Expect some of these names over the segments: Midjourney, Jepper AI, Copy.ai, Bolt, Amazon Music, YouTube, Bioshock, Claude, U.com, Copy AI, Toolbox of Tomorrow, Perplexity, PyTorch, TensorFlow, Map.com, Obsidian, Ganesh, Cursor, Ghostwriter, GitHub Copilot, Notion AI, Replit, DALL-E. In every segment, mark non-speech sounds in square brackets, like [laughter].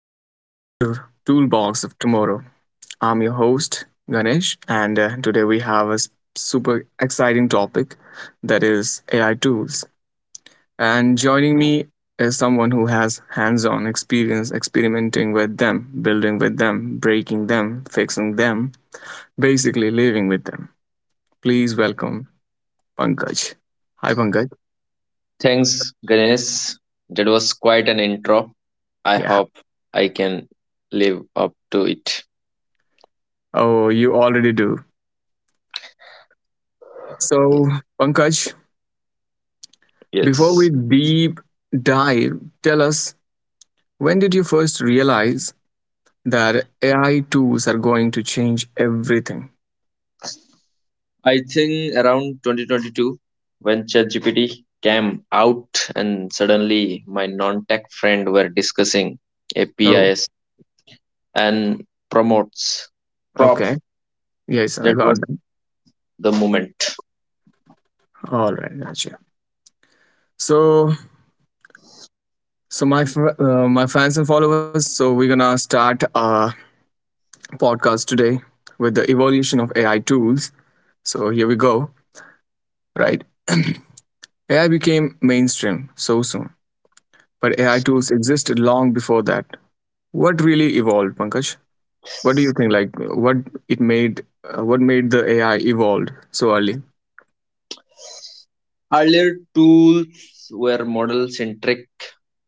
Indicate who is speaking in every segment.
Speaker 1: Welcome back to Toolbox of Tomorrow. I'm your host, Ganesh, and today we have a super exciting topic, that is AI tools. And joining me is someone who has hands on experience experimenting with them, building with them, breaking them, fixing them, basically living with them. Please welcome Pankaj. Hi, Pankaj.
Speaker 2: Thanks, Ganesh. That was quite an intro. I
Speaker 1: Yeah.
Speaker 2: hope I can live up to it.
Speaker 1: Oh, you already do. So,
Speaker 2: Yes.
Speaker 1: Pankaj, before we
Speaker 2: Yes.
Speaker 1: deep dive, tell us, when did you first realize that AI tools are going to change everything?
Speaker 2: I think around 2022, when ChatGPT came out, and suddenly my non tech friend were discussing
Speaker 1: Oh,
Speaker 2: APIs and promotes prop.
Speaker 1: okay. Yes, I
Speaker 2: That was
Speaker 1: got that.
Speaker 2: the moment.
Speaker 1: All right, gotcha. So, my fans and followers, so we're gonna start a podcast today with the evolution of AI tools. So here we go. Right, AI became mainstream so soon, but AI tools existed long before that. What really evolved, Pankaj? What do you think? Like, what what made the AI evolved so early?
Speaker 2: Earlier tools were model centric,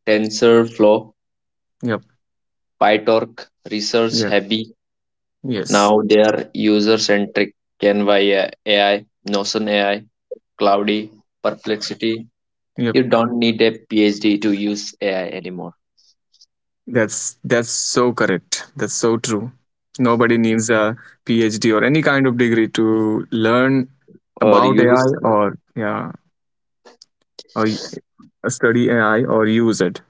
Speaker 2: TensorFlow,
Speaker 1: Yep.
Speaker 2: PyTorch, research
Speaker 1: Yeah.
Speaker 2: heavy.
Speaker 1: Yes.
Speaker 2: Now they are user centric. Canva AI, Notion AI, Cloudy, Perplexity.
Speaker 1: Yep.
Speaker 2: You don't need a PhD to use AI anymore
Speaker 1: That's so correct. That's so true. Nobody needs a PhD or any kind of degree to learn
Speaker 2: or
Speaker 1: about AI,
Speaker 2: use.
Speaker 1: or yeah, or study AI or use it.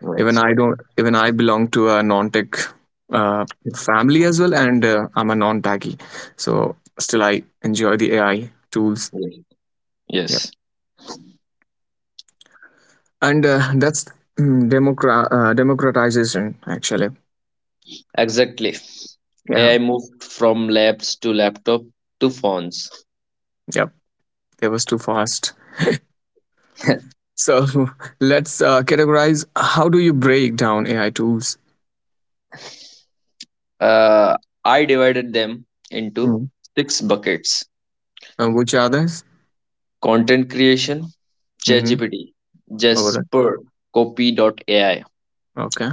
Speaker 2: Right.
Speaker 1: Even I don't. Even I belong to a non-tech uh, family as well, and I'm a non-techie. So still, I enjoy the AI tools.
Speaker 2: Yes, yes,
Speaker 1: And that's democratization, actually.
Speaker 2: exactly.
Speaker 1: Yeah.
Speaker 2: AI moved from labs to laptop to phones.
Speaker 1: Yep. It was too fast.
Speaker 2: [laughs]
Speaker 1: So [laughs] let's categorize. How do you break down AI tools?
Speaker 2: uh, I divided them into
Speaker 1: Mm.
Speaker 2: six buckets:
Speaker 1: Which are those?
Speaker 2: content creation,
Speaker 1: Mm-hmm.
Speaker 2: ChatGPT,
Speaker 1: Over there.
Speaker 2: Jasper, Copy dot AI,
Speaker 1: Okay.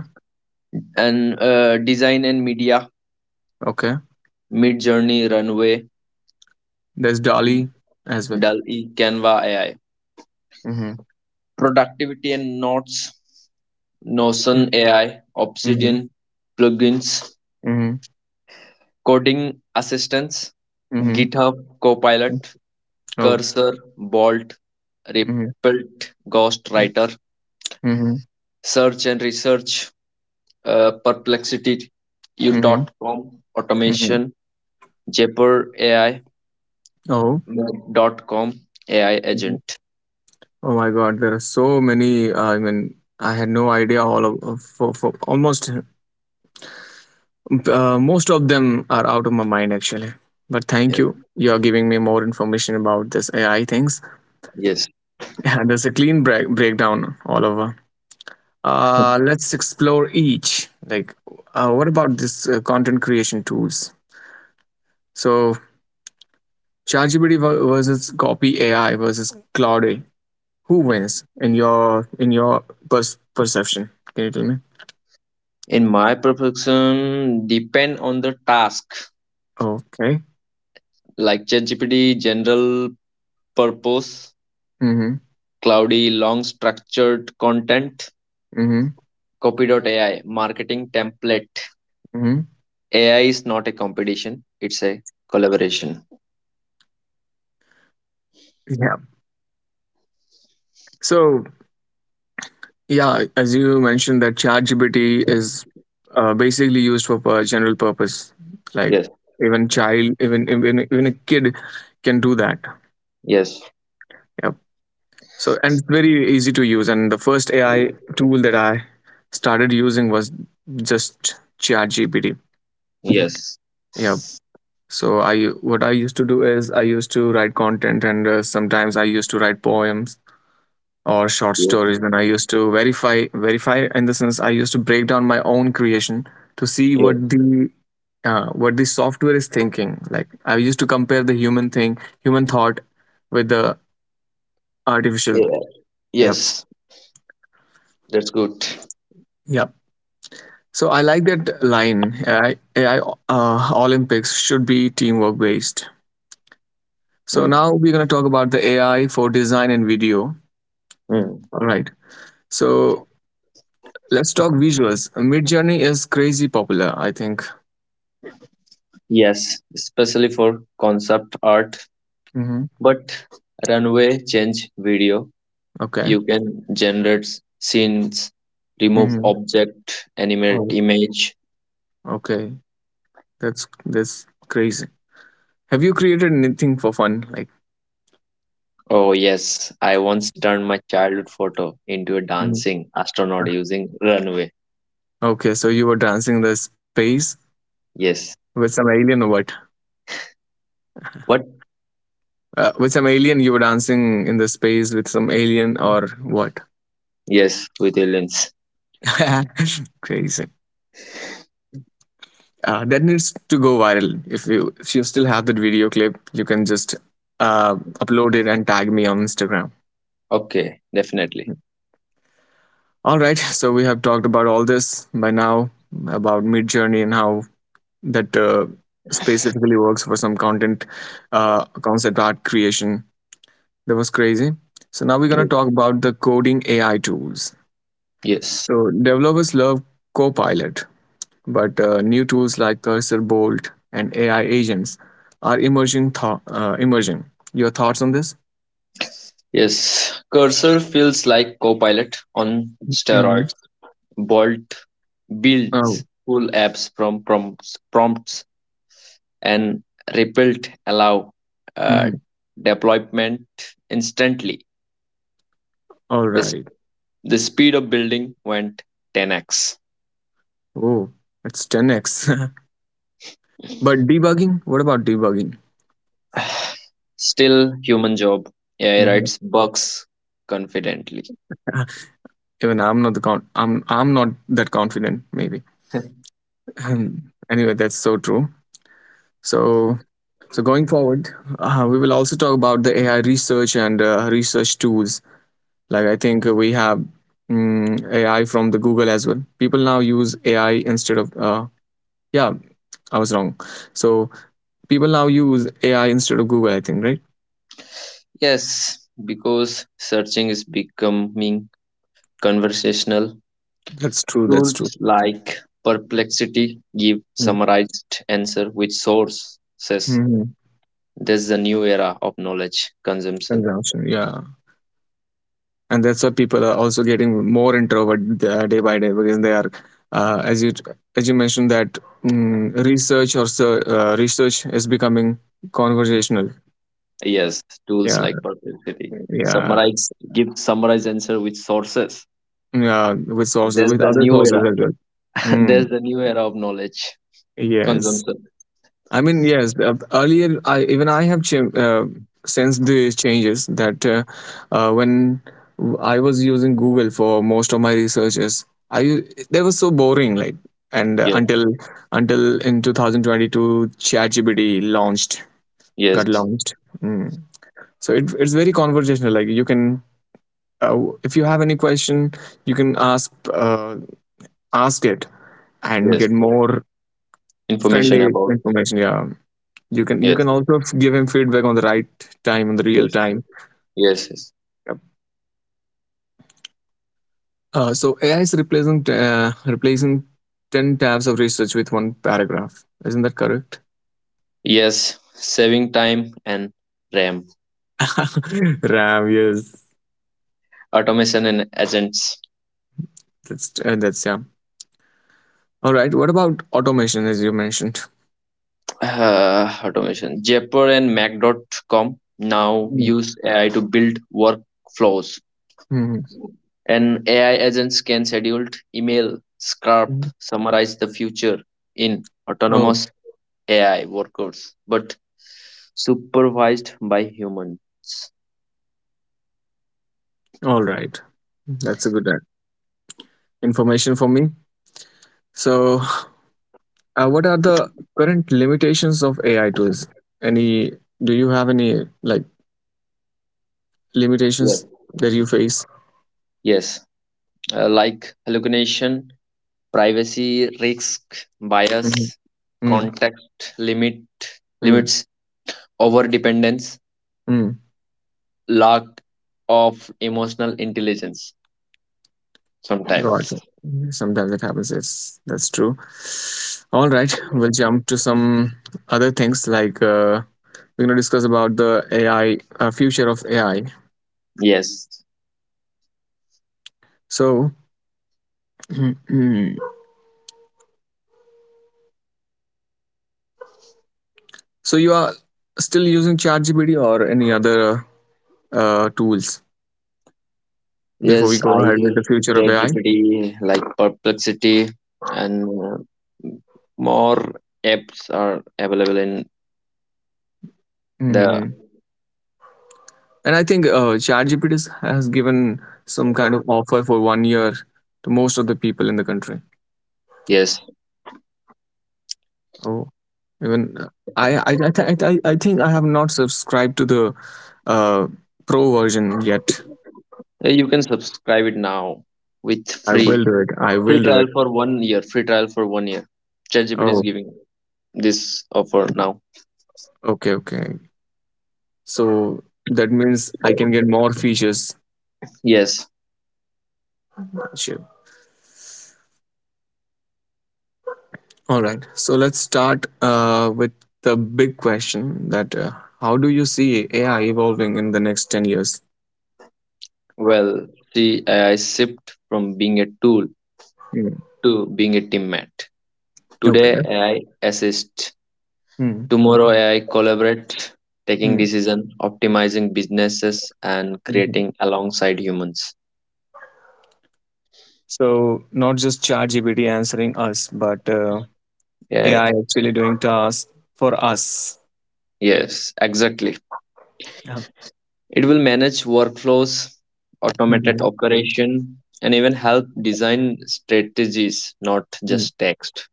Speaker 2: and design and media,
Speaker 1: Okay.
Speaker 2: Midjourney, Runway,
Speaker 1: There's Dolly as well.
Speaker 2: DALL-E, Canva AI.
Speaker 1: Mm-hmm.
Speaker 2: Productivity and Notes, Notion AI,
Speaker 1: Mm-hmm.
Speaker 2: Obsidian plugins,
Speaker 1: Mm-hmm.
Speaker 2: coding assistance,
Speaker 1: Mm-hmm.
Speaker 2: GitHub Copilot,
Speaker 1: Oh.
Speaker 2: Cursor, Bolt,
Speaker 1: Mm-hmm.
Speaker 2: Replit, Ghostwriter,
Speaker 1: Mm-hmm.
Speaker 2: Search and Research, Perplexity,
Speaker 1: Mm-hmm.
Speaker 2: U.com,
Speaker 1: Mm-hmm.
Speaker 2: Automation, Jepper AI,
Speaker 1: Oh.
Speaker 2: Map.com, AI
Speaker 1: Mhm.
Speaker 2: Agent.
Speaker 1: Oh my God, there are so many. I mean, I had no idea. All of- for almost Most of them are out of my mind, actually. But
Speaker 2: Yeah.
Speaker 1: thank you. You're giving me more information about this AI things. [laughs]
Speaker 2: Yes.
Speaker 1: Yeah, there's a clean breakdown all over.
Speaker 2: [laughs]
Speaker 1: Let's explore each. Like, what about this content creation tools? So, ChatGPT versus Copy AI versus Claude AI. Who wins in your perception? Can you tell me?
Speaker 2: In my perfection depend on the task,
Speaker 1: Okay.
Speaker 2: like ChatGPT general purpose,
Speaker 1: Mm-hmm.
Speaker 2: cloudy long structured content,
Speaker 1: Mm-hmm.
Speaker 2: copy.ai marketing template.
Speaker 1: Mm-hmm.
Speaker 2: AI is not a competition, it's a collaboration.
Speaker 1: Yeah. So, yeah, as you mentioned, that ChatGPT is basically used for general purpose. Like,
Speaker 2: Yes,
Speaker 1: even child, even a kid can do that.
Speaker 2: yes,
Speaker 1: Yep. So, and it's very easy to use. And the first AI tool that I started using was just ChatGPT.
Speaker 2: yes,
Speaker 1: Yep. So, I what I used to do is I used to write content, and sometimes I used to write poems or short
Speaker 2: yes,
Speaker 1: stories. Then I used to verify. In the sense, I used to break down my own creation to see
Speaker 2: yes.
Speaker 1: what the software is thinking. Like, I used to compare the human thing, human thought, with the artificial.
Speaker 2: AI.
Speaker 1: Yep.
Speaker 2: Yes, that's good.
Speaker 1: Yep. So I like that line. AI olympics should be teamwork based. So
Speaker 2: Mm.
Speaker 1: now we're going to talk about the AI for design and video.
Speaker 2: Mm.
Speaker 1: All right. So let's talk visuals. Mid journey is crazy popular, I think.
Speaker 2: Yes, especially for concept art,
Speaker 1: Hmm.
Speaker 2: but runway change video.
Speaker 1: Okay.
Speaker 2: You can generate scenes, remove
Speaker 1: Mhm.
Speaker 2: object, animate
Speaker 1: Oh,
Speaker 2: image.
Speaker 1: okay. That's crazy. Have you created anything for fun? Like,
Speaker 2: Oh yes, I once turned my childhood photo into a
Speaker 1: Mhm.
Speaker 2: dancing astronaut using runway.
Speaker 1: Okay, so you were dancing the space
Speaker 2: Yes.
Speaker 1: with some alien, or what?
Speaker 2: What?
Speaker 1: With some alien, you were dancing in the space with some alien, or what?
Speaker 2: Yes, with aliens.
Speaker 1: [laughs] Crazy. That needs to go viral. If you still have that video clip, you can just uh, upload it and tag me on Instagram.
Speaker 2: Okay, definitely.
Speaker 1: All right. So we have talked about all this by now, about Midjourney and how that specifically works for some content, concept art creation. That was crazy. So now we're gonna
Speaker 2: Yes.
Speaker 1: talk about the coding AI tools.
Speaker 2: Yes.
Speaker 1: So developers love Copilot, but new tools like Cursor, Bolt, and AI agents are emerging. Your thoughts on this?
Speaker 2: Yes. Cursor feels like Copilot on
Speaker 1: Hmm.
Speaker 2: steroids. Bolt
Speaker 1: Oh,
Speaker 2: builds full apps from prompts and rebuilt allow uh,
Speaker 1: mhm.
Speaker 2: deployment instantly.
Speaker 1: All
Speaker 2: This
Speaker 1: right.
Speaker 2: the speed of building went 10x.
Speaker 1: Oh, it's 10x. [laughs] But debugging? What about debugging?
Speaker 2: [sighs] Still, human job. AI
Speaker 1: Hmm.
Speaker 2: writes bugs confidently.
Speaker 1: [laughs] Even I'm not I'm not that confident. Maybe.
Speaker 2: [laughs]
Speaker 1: [sighs] Anyway, that's so true. So, so going forward, we will also talk about the AI research and research tools. Like, I think we have AI from the Google as well. People now use AI instead of yeah, I was wrong. So people now use AI instead of Google, I think, right?
Speaker 2: Yes, because searching is becoming conversational.
Speaker 1: That's true. That's true.
Speaker 2: Tools like Perplexity give
Speaker 1: Mm-hmm.
Speaker 2: summarized answer with sources.
Speaker 1: Mm-hmm.
Speaker 2: This is the new era of knowledge consumption.
Speaker 1: Consumption. Yeah. And that's why people are also getting more introvert day by day, because they are as you mentioned that research or so, research is becoming conversational.
Speaker 2: Yes, tools
Speaker 1: Yeah.
Speaker 2: like Perplexity.
Speaker 1: yeah
Speaker 2: Summarize,
Speaker 1: S-
Speaker 2: give summarize answer with sources.
Speaker 1: yeah, with sources,
Speaker 2: There's
Speaker 1: with
Speaker 2: the
Speaker 1: other
Speaker 2: new
Speaker 1: sources
Speaker 2: era.
Speaker 1: as well.
Speaker 2: [laughs] There's
Speaker 1: Mm.
Speaker 2: the new era of knowledge
Speaker 1: Yes.
Speaker 2: consumption.
Speaker 1: I mean, yes. Earlier, I, even I have ch- sensed the changes that when I was using Google for most of my researches, they were so boring. Like, and uh,
Speaker 2: Yes,
Speaker 1: until in 2022, ChatGPT got
Speaker 2: yes,
Speaker 1: launched. Mm. So, it, it's very conversational. Like, you can, uh, if you have any question, you can ask, ask it, and get
Speaker 2: yes.
Speaker 1: more
Speaker 2: Information
Speaker 1: friendly
Speaker 2: about
Speaker 1: information. Yeah. You can,
Speaker 2: yes,
Speaker 1: also give him feedback on the right time, on the real
Speaker 2: yes,
Speaker 1: time.
Speaker 2: yes, yes.
Speaker 1: Yep. So AI is replacing replacing 10 tabs of research with one paragraph. Isn't that correct?
Speaker 2: Yes, saving time and RAM.
Speaker 1: [laughs] RAM, yes,
Speaker 2: Automation and agents. [sighs]
Speaker 1: that's yeah. All right. What about automation, as you mentioned?
Speaker 2: Automation. Jepper and Mac.com now
Speaker 1: Mm.
Speaker 2: use AI to build workflows.
Speaker 1: Mhm.
Speaker 2: And AI agents can schedule email, script,
Speaker 1: Mhm.
Speaker 2: summarize the future in
Speaker 1: Oh,
Speaker 2: autonomous AI workers, but supervised by human.
Speaker 1: all right. That's a good information for me. So, what are the current limitations of AI tools? Any? Do you have any like
Speaker 2: Yeah.
Speaker 1: limitations that you face?
Speaker 2: Yes, like hallucination, privacy risk, bias,
Speaker 1: Mm,
Speaker 2: contact limit
Speaker 1: mm,
Speaker 2: limits, over dependence,
Speaker 1: mm.
Speaker 2: lack of emotional intelligence.
Speaker 1: Got
Speaker 2: Sometimes,
Speaker 1: it. Mm, sometimes it happens. Yes, that's true. All right, we'll jump to some other things. Like, we're gonna discuss about the AI uh, future of AI.
Speaker 2: yes.
Speaker 1: So, [clears throat] so you are still using ChatGPT or any other tools before we
Speaker 2: Yes, I
Speaker 1: go ahead with
Speaker 2: use
Speaker 1: the future of AI?
Speaker 2: ChatGPT like Perplexity and more apps are available in the
Speaker 1: Hmm. And I think ChatGPT has given some kind of offer for 1 year to most of the people in the country.
Speaker 2: yes.
Speaker 1: Oh, even I think I have not subscribed to the uh, pro version yet.
Speaker 2: You can subscribe it now with
Speaker 1: I will
Speaker 2: free
Speaker 1: do it. I
Speaker 2: free
Speaker 1: will do
Speaker 2: trial
Speaker 1: it.
Speaker 2: for one year. Free trial for one year. ChatGPT is
Speaker 1: Oh,
Speaker 2: giving this offer now.
Speaker 1: okay, okay. So that means I can get more features.
Speaker 2: Yes.
Speaker 1: Sure. All right. So let's start with the big question, that how do you see AI evolving in the next 10 years?
Speaker 2: Well, see, AI shift from being a tool
Speaker 1: Hmm.
Speaker 2: to being a teammate. Today,
Speaker 1: Okay.
Speaker 2: AI assists.
Speaker 1: Hmm.
Speaker 2: Tomorrow AI collaborate, taking
Speaker 1: Hmm.
Speaker 2: decision, optimizing businesses, and
Speaker 1: Mhm.
Speaker 2: creating alongside humans.
Speaker 1: So not just ChatGPT answering us, but
Speaker 2: Yeah,
Speaker 1: AI actually doing tasks for us.
Speaker 2: yes, exactly.
Speaker 1: Yeah.
Speaker 2: It will manage workflows, automated
Speaker 1: Mhm.
Speaker 2: operation, and even help design strategies, not
Speaker 1: Mm.
Speaker 2: just text.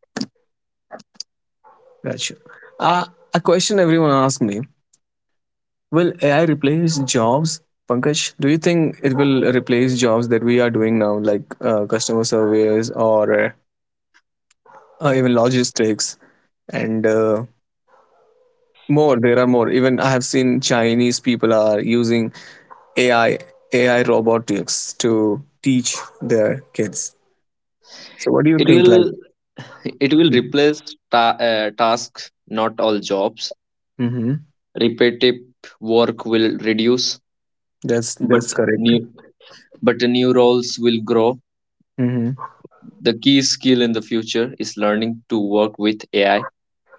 Speaker 1: Gotcha. Uh, a question everyone asks me: will AI replace jobs? Pankaj, do you think it will replace jobs that we are doing now, like customer surveys, or even logistics, and more? There are more. Even I have seen Chinese people are using AI, AI robotics to teach their kids. So, what do you
Speaker 2: It
Speaker 1: think? Like,
Speaker 2: will it will
Speaker 1: mm-hmm.
Speaker 2: replace tasks, not all jobs.
Speaker 1: Mm-hmm.
Speaker 2: Repetitive work will reduce,
Speaker 1: That's
Speaker 2: but
Speaker 1: correct.
Speaker 2: new but new roles will grow.
Speaker 1: Mm-hmm.
Speaker 2: The key skill in the future is learning to work with AI,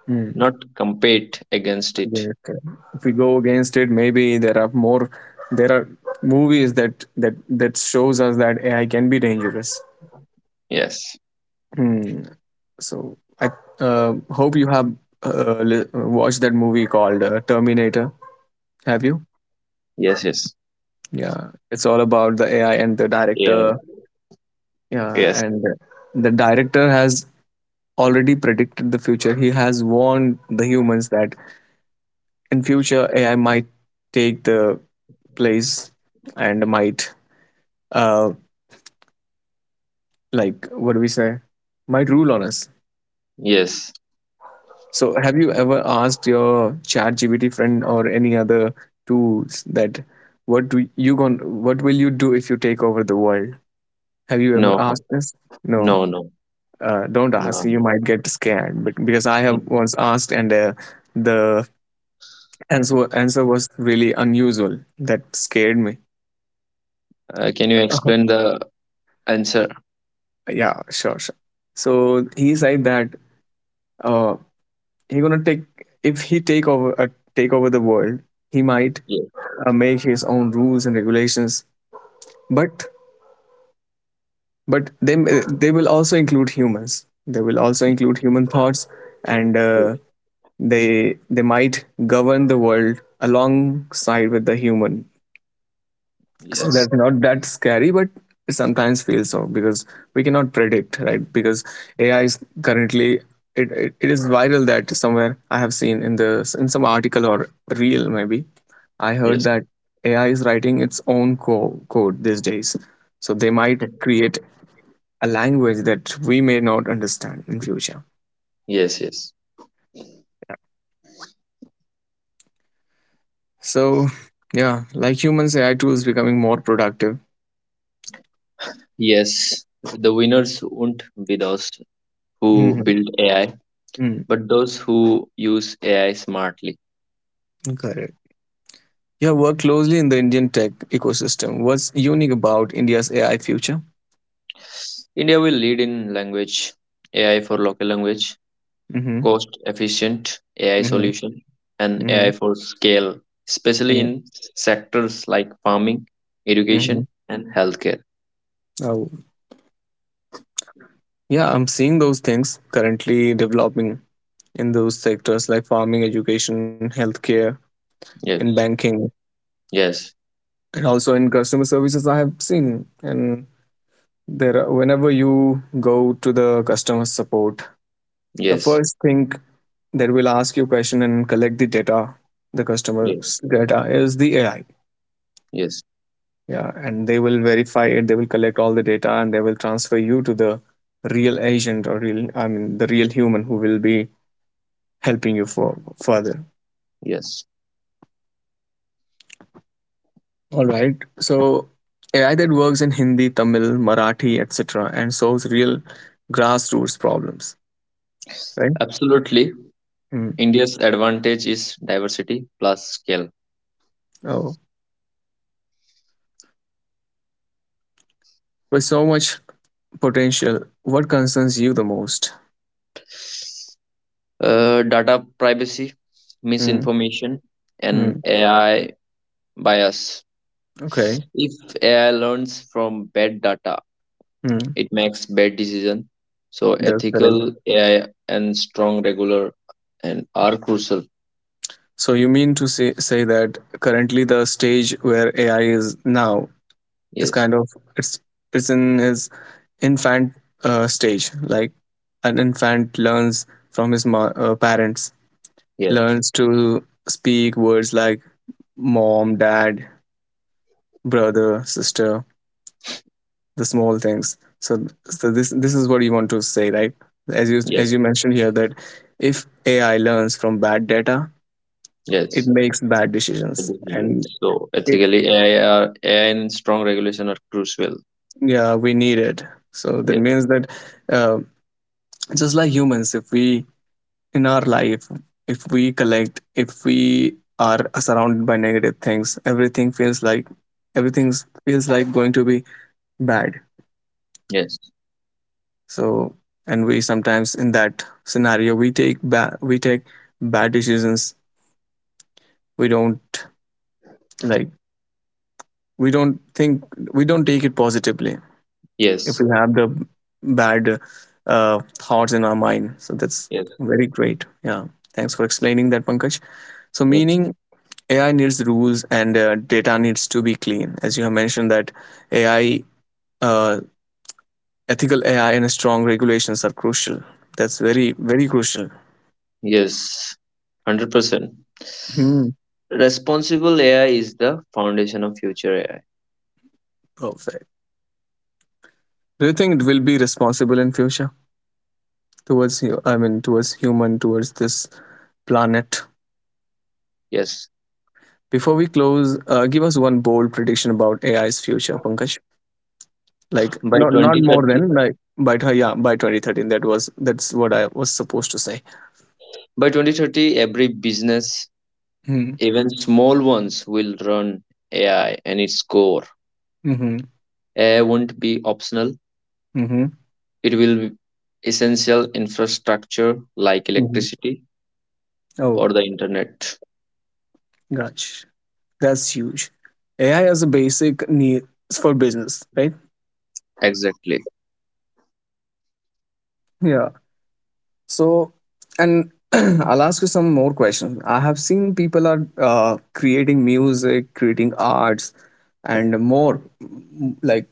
Speaker 1: Mm-hmm.
Speaker 2: not compete against it.
Speaker 1: Yeah, correct. If we go against it, maybe there are more. There are movies that shows us that AI can be dangerous.
Speaker 2: Yes.
Speaker 1: Hmm. So I hope you have watched that movie called Terminator. Have you?
Speaker 2: Yes, yes.
Speaker 1: Yeah, it's all about the AI and the director.
Speaker 2: Yeah.
Speaker 1: Yeah, and
Speaker 2: Yes.
Speaker 1: the director has already predicted the future. He has warned the humans that in future AI might take the place, and might uh, like what do we say might rule on us.
Speaker 2: Yes.
Speaker 1: So have you ever asked your chat gpt friend or any other tools that what do you gon what will you do if you take over the world? Have you ever
Speaker 2: No.
Speaker 1: asked this? No.
Speaker 2: No, no.
Speaker 1: Uh, don't
Speaker 2: No.
Speaker 1: ask, you might get scared. But, because I have
Speaker 2: [laughs]
Speaker 1: once asked, and the answer was really unusual, that scared me.
Speaker 2: Can you explain
Speaker 1: [laughs]
Speaker 2: the answer?
Speaker 1: Yeah, sure, sure. So he said that uh, he gonna take if he take over, take over the world, he might
Speaker 2: Yes.
Speaker 1: make his own rules and regulations, but but they they will also include humans, they will also include human thoughts, and they they might govern the world alongside with the human. So
Speaker 2: Yes.
Speaker 1: that's not that scary, but it sometimes feels so, because we cannot predict, right? Because AI is currently, it is viral that somewhere I have seen in the, in some article or reel, maybe, I heard
Speaker 2: Yes.
Speaker 1: that AI is writing its own code these days, so they might
Speaker 2: [laughs]
Speaker 1: create a language that we may not understand in future.
Speaker 2: Yes, yes.
Speaker 1: So yeah, like humans, AI tools becoming more productive.
Speaker 2: Yes, the winners won't be those who
Speaker 1: Hmm.
Speaker 2: build AI, but those who use AI smartly.
Speaker 1: Correct. You have worked closely in the Indian tech ecosystem. What's unique about India's AI future?
Speaker 2: India will lead in language AI for local language,
Speaker 1: Mm-hmm.
Speaker 2: cost efficient AI
Speaker 1: Mm-hmm.
Speaker 2: solution, and AI for scale, especially
Speaker 1: Mm-hmm.
Speaker 2: in sectors like farming,
Speaker 1: Mm-hmm.
Speaker 2: education, and healthcare.
Speaker 1: Oh, yeah, I'm seeing those things currently developing in those sectors like farming, education, healthcare, in
Speaker 2: Yes,
Speaker 1: banking,
Speaker 2: yes,
Speaker 1: and also in customer services. I have seen, and whenever you go to the customer support, the
Speaker 2: yes,
Speaker 1: first thing that will ask you question and collect the data, the
Speaker 2: yes,
Speaker 1: customer's data is the AI.
Speaker 2: yes,
Speaker 1: Yeah, and they will verify it. They will collect all the data and they will transfer you to the real agent or real, I mean, the real human who will be helping you for further.
Speaker 2: yes.
Speaker 1: All right. So AI that works in Hindi, Tamil, Marathi, etc., and solves real grassroots problems. Right.
Speaker 2: Absolutely.
Speaker 1: Mm.
Speaker 2: India's advantage is diversity plus scale.
Speaker 1: Oh, with so much potential, what concerns you the most?
Speaker 2: Data privacy,
Speaker 1: Mm.
Speaker 2: misinformation, and
Speaker 1: Mm.
Speaker 2: AI bias.
Speaker 1: Okay.
Speaker 2: If AI learns from bad data,
Speaker 1: Mm.
Speaker 2: it makes bad decisions. So
Speaker 1: That's correct.
Speaker 2: ethical AI and strong regular and are crucial.
Speaker 1: So you mean to say that currently the stage where AI is now is
Speaker 2: Yes,
Speaker 1: kind of it's it's in his infant stage, like an infant learns from his parents,
Speaker 2: yes,
Speaker 1: learns to speak words like mom, dad, brother, sister, the small things. So this is what you want to say, right? as you
Speaker 2: yes,
Speaker 1: as you mentioned here that if AI learns from bad data, it
Speaker 2: yes.
Speaker 1: makes bad
Speaker 2: The
Speaker 1: decisions.
Speaker 2: decision.
Speaker 1: And
Speaker 2: So
Speaker 1: it,
Speaker 2: ethically AI are AI and strong regulation are crucial.
Speaker 1: yeah, we need it. So that
Speaker 2: Yes,
Speaker 1: means that, uh, just like humans, if we in our life, if we collect, if we are surrounded by negative things, everything feels like going to be bad.
Speaker 2: yes,
Speaker 1: So, and we sometimes in that scenario we take we take bad decisions. We don't like, we don't think, we don't take it positively if
Speaker 2: yes,
Speaker 1: we have the bad thoughts in our mind. So that's
Speaker 2: yes,
Speaker 1: very great. Yeah, thanks for explaining that, Pankaj. So
Speaker 2: yes,
Speaker 1: meaning AI needs rules and, data needs to be clean. As you have mentioned, that AI, uh, ethical AI, and strong regulations are crucial. That's very, very crucial.
Speaker 2: yes. 100%.
Speaker 1: Hmm.
Speaker 2: Responsible AI is the foundation of future AI.
Speaker 1: Perfect. Do you think it will be responsible in future towards you? I mean, towards human, towards this planet.
Speaker 2: Yes.
Speaker 1: Before we close, give us one bold prediction about AI's future, Pankaj. Like,
Speaker 2: By
Speaker 1: not not more
Speaker 2: 2030,
Speaker 1: than like by yeah, by 2013. That was, that's what I was supposed to say.
Speaker 2: every business,
Speaker 1: Hmm.
Speaker 2: even small ones, will run AI and its core.
Speaker 1: Mm-hmm.
Speaker 2: AI won't be optional,
Speaker 1: Mm-hmm.
Speaker 2: it will be essential infrastructure like
Speaker 1: Mm-hmm.
Speaker 2: electricity
Speaker 1: Oh,
Speaker 2: or the internet.
Speaker 1: gosh, that's huge. AI as a basic needs for business, right?
Speaker 2: Exactly.
Speaker 1: Yeah. So, and [clears throat] I'll ask you some more questions. I have seen people are creating music, creating arts, and more. Like,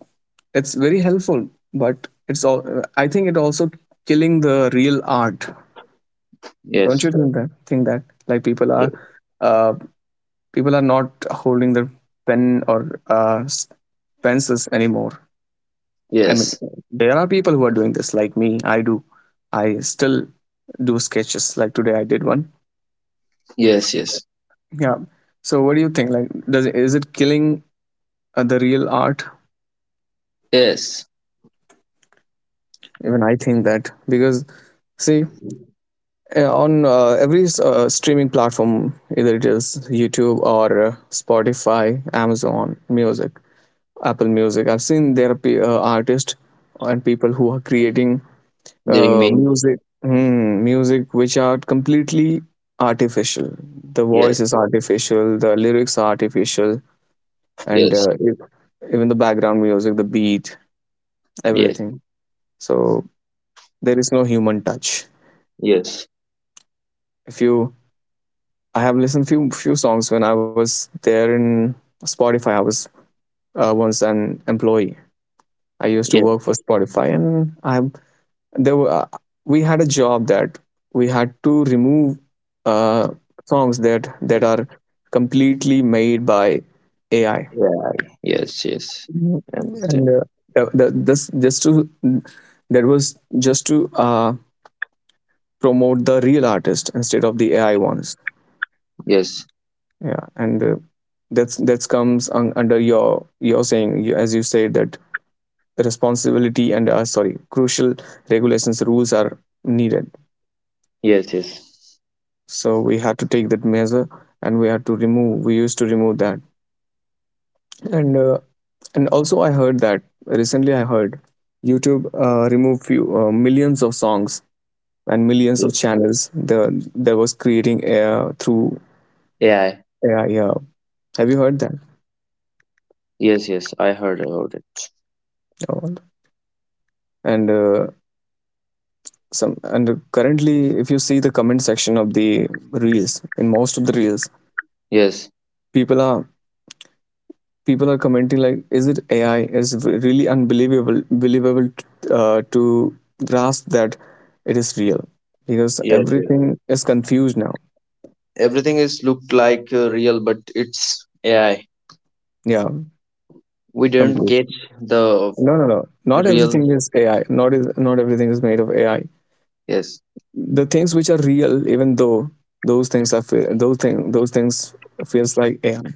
Speaker 1: it's very helpful, but it's all. I think it also killing the real art. Don't
Speaker 2: Yes.
Speaker 1: you think that? Think that like
Speaker 2: Ye-
Speaker 1: uh, people are not holding their pen or pencils anymore. I mean,
Speaker 2: Yes.
Speaker 1: there are people who are doing this, like me. I do. I still do sketches. Like today, I did one.
Speaker 2: Yes. Yes.
Speaker 1: Yeah. So, what do you think? Like, does is it killing, the real art?
Speaker 2: Yes.
Speaker 1: Even I think that because, see, on every streaming platform, either it is YouTube or, Spotify, Amazon Music, Apple Music. I've seen there are artists and people who are creating,
Speaker 2: They remain.
Speaker 1: music. Hmm, music which are completely artificial, the
Speaker 2: Yes.
Speaker 1: voice is artificial, the lyrics are artificial, and,
Speaker 2: Yes.
Speaker 1: even the background music, the beat,
Speaker 2: Yes.
Speaker 1: everything. So there is no human touch.
Speaker 2: Yes.
Speaker 1: If you, I have listened few songs when I was there in Spotify. I was, once an employee. I used to work
Speaker 2: Yes.
Speaker 1: for Spotify, and I, there were, we had a job that we had to remove, uh, songs that are completely made by AI.
Speaker 2: Yeah. Yes. Yes.
Speaker 1: Mhm.
Speaker 2: I
Speaker 1: And,
Speaker 2: understand.
Speaker 1: this just to, that was just to, promote the real artist instead of the AI ones.
Speaker 2: Yes.
Speaker 1: Yeah, and, that's that comes under your saying, you, as you said that the responsibility and, sorry, crucial regulations, rules are needed.
Speaker 2: Yes. Yes.
Speaker 1: So we had to take that measure, and we had to remove, we used to remove that. And, and also I heard that recently, I heard YouTube, removed few, millions of songs and millions of
Speaker 2: Yes.
Speaker 1: channels. The there was creating, through
Speaker 2: AI.
Speaker 1: AI. Yeah, have you heard that?
Speaker 2: Yes. Yes. I heard about it.
Speaker 1: Oh. And, some and currently, if you see the comment section of the reels, in most of the reels,
Speaker 2: Yes.
Speaker 1: people are, people are commenting like, is it AI? It's really unbelievable, believable, to grasp that it is real, because
Speaker 2: Yes. Yes.
Speaker 1: everything is confused now.
Speaker 2: Everything is looked like real, but it's AI.
Speaker 1: Yeah,
Speaker 2: We don't
Speaker 1: completely.
Speaker 2: catch the
Speaker 1: No, no, no, not
Speaker 2: real.
Speaker 1: everything is AI. Not everything is made of AI.
Speaker 2: Yes,
Speaker 1: The things which are real, even though those things are those things feels like AI, i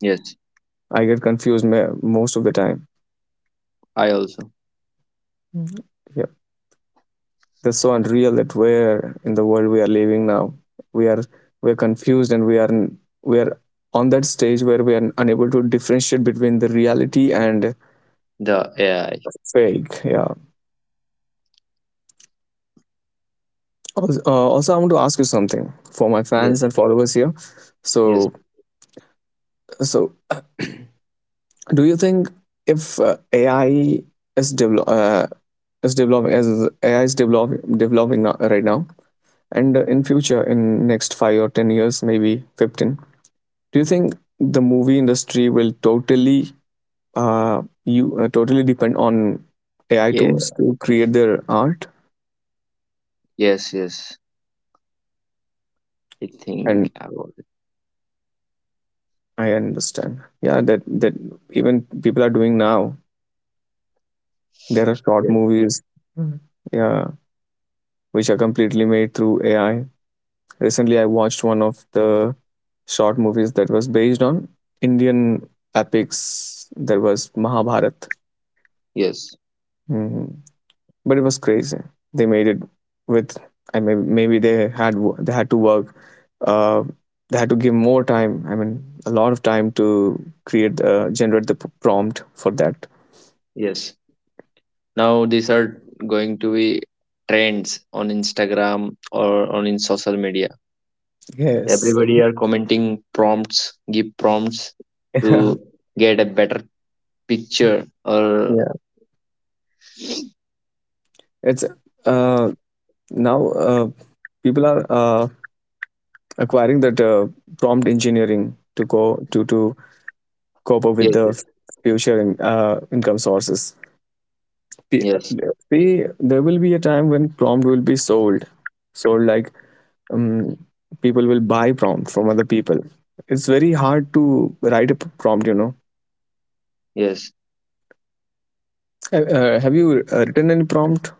Speaker 2: yes,
Speaker 1: I get confused most of the time.
Speaker 2: I also.
Speaker 1: Mhm. Yeah. That's so unreal, that where in the world we are living now, we are, we're confused, and we are, we are on that stage where we are unable to differentiate between the reality and
Speaker 2: The AI.
Speaker 1: fake. Yeah. Also, also I want to ask you something for my
Speaker 2: Yes,
Speaker 1: fans and followers here.
Speaker 2: yes.
Speaker 1: So, so, do you think if, AI is develop is developing as AI is developing now, right now, and, in future, in next 5 or 10 years, maybe 15, do you think the movie industry will totally, you totally depend on AI
Speaker 2: Yeah.
Speaker 1: tools to create their art?
Speaker 2: Yes, yes, I
Speaker 1: And
Speaker 2: think about it.
Speaker 1: I understand, yeah, that that even people are doing now. There are short
Speaker 2: Yes,
Speaker 1: movies, Mhm. yeah, which are completely made through AI. Recently, I watched one of the short movies that was based on Indian epics. There was Mahabharat.
Speaker 2: yes,
Speaker 1: Mhm. But it was crazy. They made it with, I mean, maybe they had, they had to work. Uh, they had to give more time. I mean, a lot of time to create, generate the prompt for that.
Speaker 2: yes, now these are going to be trends on Instagram or on in social media.
Speaker 1: Yes.
Speaker 2: Everybody are commenting prompts, give prompts
Speaker 1: [laughs]
Speaker 2: to
Speaker 1: Yeah.
Speaker 2: get a better picture or
Speaker 1: It's, uh, now people are, acquiring that, prompt engineering to go to cope up with
Speaker 2: yes, yes,
Speaker 1: the future in, income sources. Be-
Speaker 2: yes,
Speaker 1: there will be a time when prompt will be sold like, um, people will buy prompt from other people. It's very hard to write a prompt, you know.
Speaker 2: yes.
Speaker 1: Have you, written any prompt?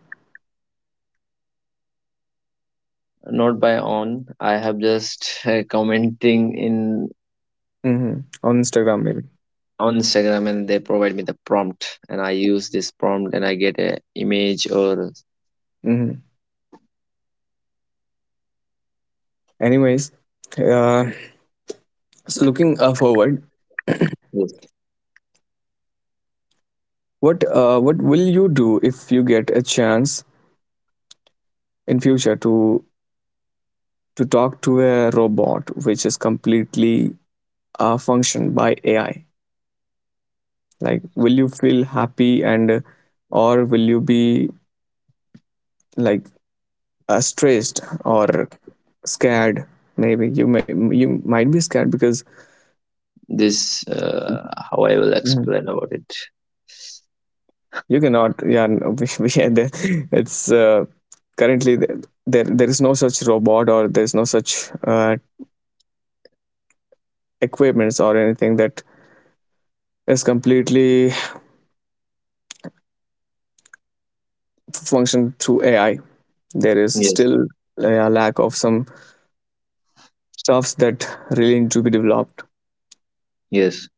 Speaker 2: Not by on, I have just commenting in
Speaker 1: Hmm. On Instagram, maybe.
Speaker 2: on Instagram, and they provide me the prompt and I use this prompt and I get a image or
Speaker 1: Hmm. Anyways, uh, so looking, forward,
Speaker 2: this
Speaker 1: what, what will you do if you get a chance in future to talk to a robot which is completely, functioned by AI? Like, will you feel happy and, or will you be like, stressed or scared? Maybe you may, you might be scared because,
Speaker 2: how I will
Speaker 1: Mhm.
Speaker 2: explain about it?
Speaker 1: you cannot, yeah, no, [laughs] we are there. It's, currently there there is no such robot, or there's no such, uh, equipments or anything that is completely function through AI. There is
Speaker 2: Yes,
Speaker 1: still, a lack of some stuffs that really need to be developed.
Speaker 2: yes.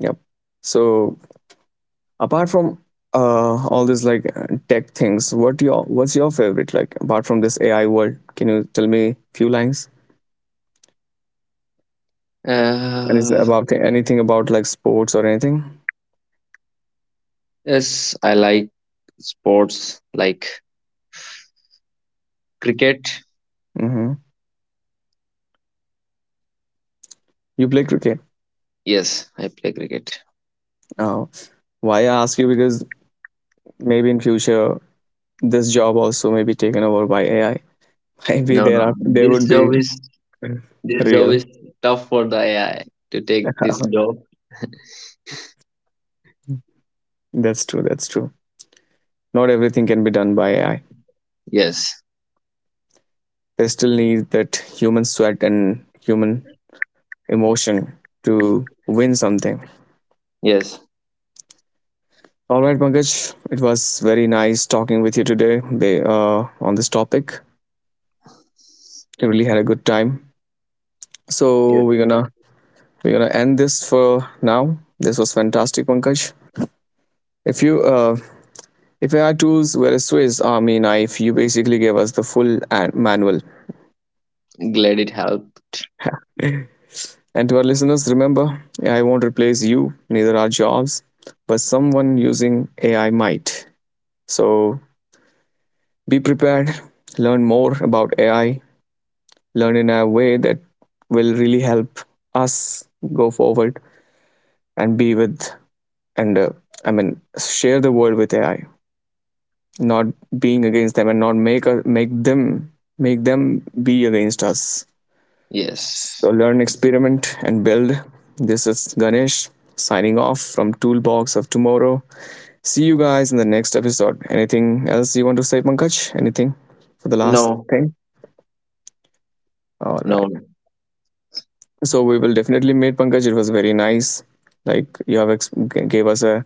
Speaker 1: Yep. So, apart from, all these like, tech things, what your, what's your favorite? Like, apart from this AI world, can you tell me few lines and is
Speaker 2: uh,
Speaker 1: about anything, about like sports or anything?
Speaker 2: yes, I like sports like cricket.
Speaker 1: Hmm. You play cricket.
Speaker 2: Yes, I play cricket.
Speaker 1: Oh, why I ask you, because maybe in future, this job also may be taken over by AI. [laughs] Maybe
Speaker 2: No,
Speaker 1: there
Speaker 2: no.
Speaker 1: are, there
Speaker 2: this
Speaker 1: would be
Speaker 2: job is this job
Speaker 1: real.
Speaker 2: is tough for the AI to take this job.
Speaker 1: [laughs] That's true, that's true. Not everything can be done by AI.
Speaker 2: Yes,
Speaker 1: They still need that human sweat and human emotion to win something.
Speaker 2: yes,
Speaker 1: All right, Pankaj, it was very nice talking with you today, on this topic. I really had a good time. So
Speaker 2: yes.
Speaker 1: we're gonna, we're gonna end this for now. This was fantastic, Pankaj. If you, if I tools were a Swiss Army knife, you basically gave us the full manual.
Speaker 2: Glad it helped.
Speaker 1: [laughs] And to our listeners, remember, I won't replace you, neither are jobs, but someone using AI might. So be prepared, learn more about AI, learn in a way that will really help us go forward and be with, and, I mean, share the world with AI, not being against them, and not make, make them, make them be against us.
Speaker 2: Yes.
Speaker 1: So learn, experiment, and build. This is Ganesh signing off from Toolbox of Tomorrow. See you guys in the next episode. Anything else you want to say, Pankaj? Anything for the last
Speaker 2: No.
Speaker 1: thing? All
Speaker 2: No.
Speaker 1: right. So we will definitely meet, Pankaj. It was very nice. Like, you have gave us a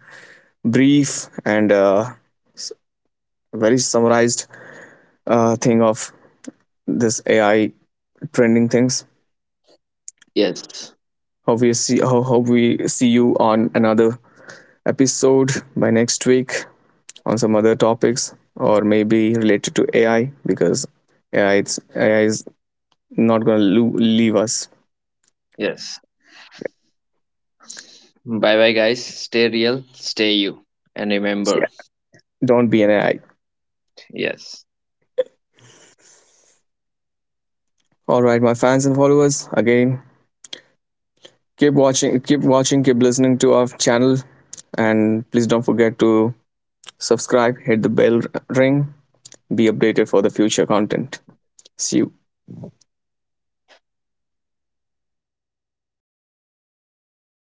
Speaker 1: brief and, s- very summarized, thing of this AI trending things.
Speaker 2: Yes.
Speaker 1: Hope we see, hope we see you on another episode by next week on some other topics, or maybe related to AI, because AI, it's AI is not gonna leave us.
Speaker 2: Yes. Bye bye, guys. Stay real. Stay you. And
Speaker 1: So
Speaker 2: remember,
Speaker 1: yeah, don't be an AI.
Speaker 2: yes.
Speaker 1: All right, my fans and followers. Again, keep watching, keep listening to our channel, and please don't forget to subscribe, hit the bell, ring, be updated for the future content. See you.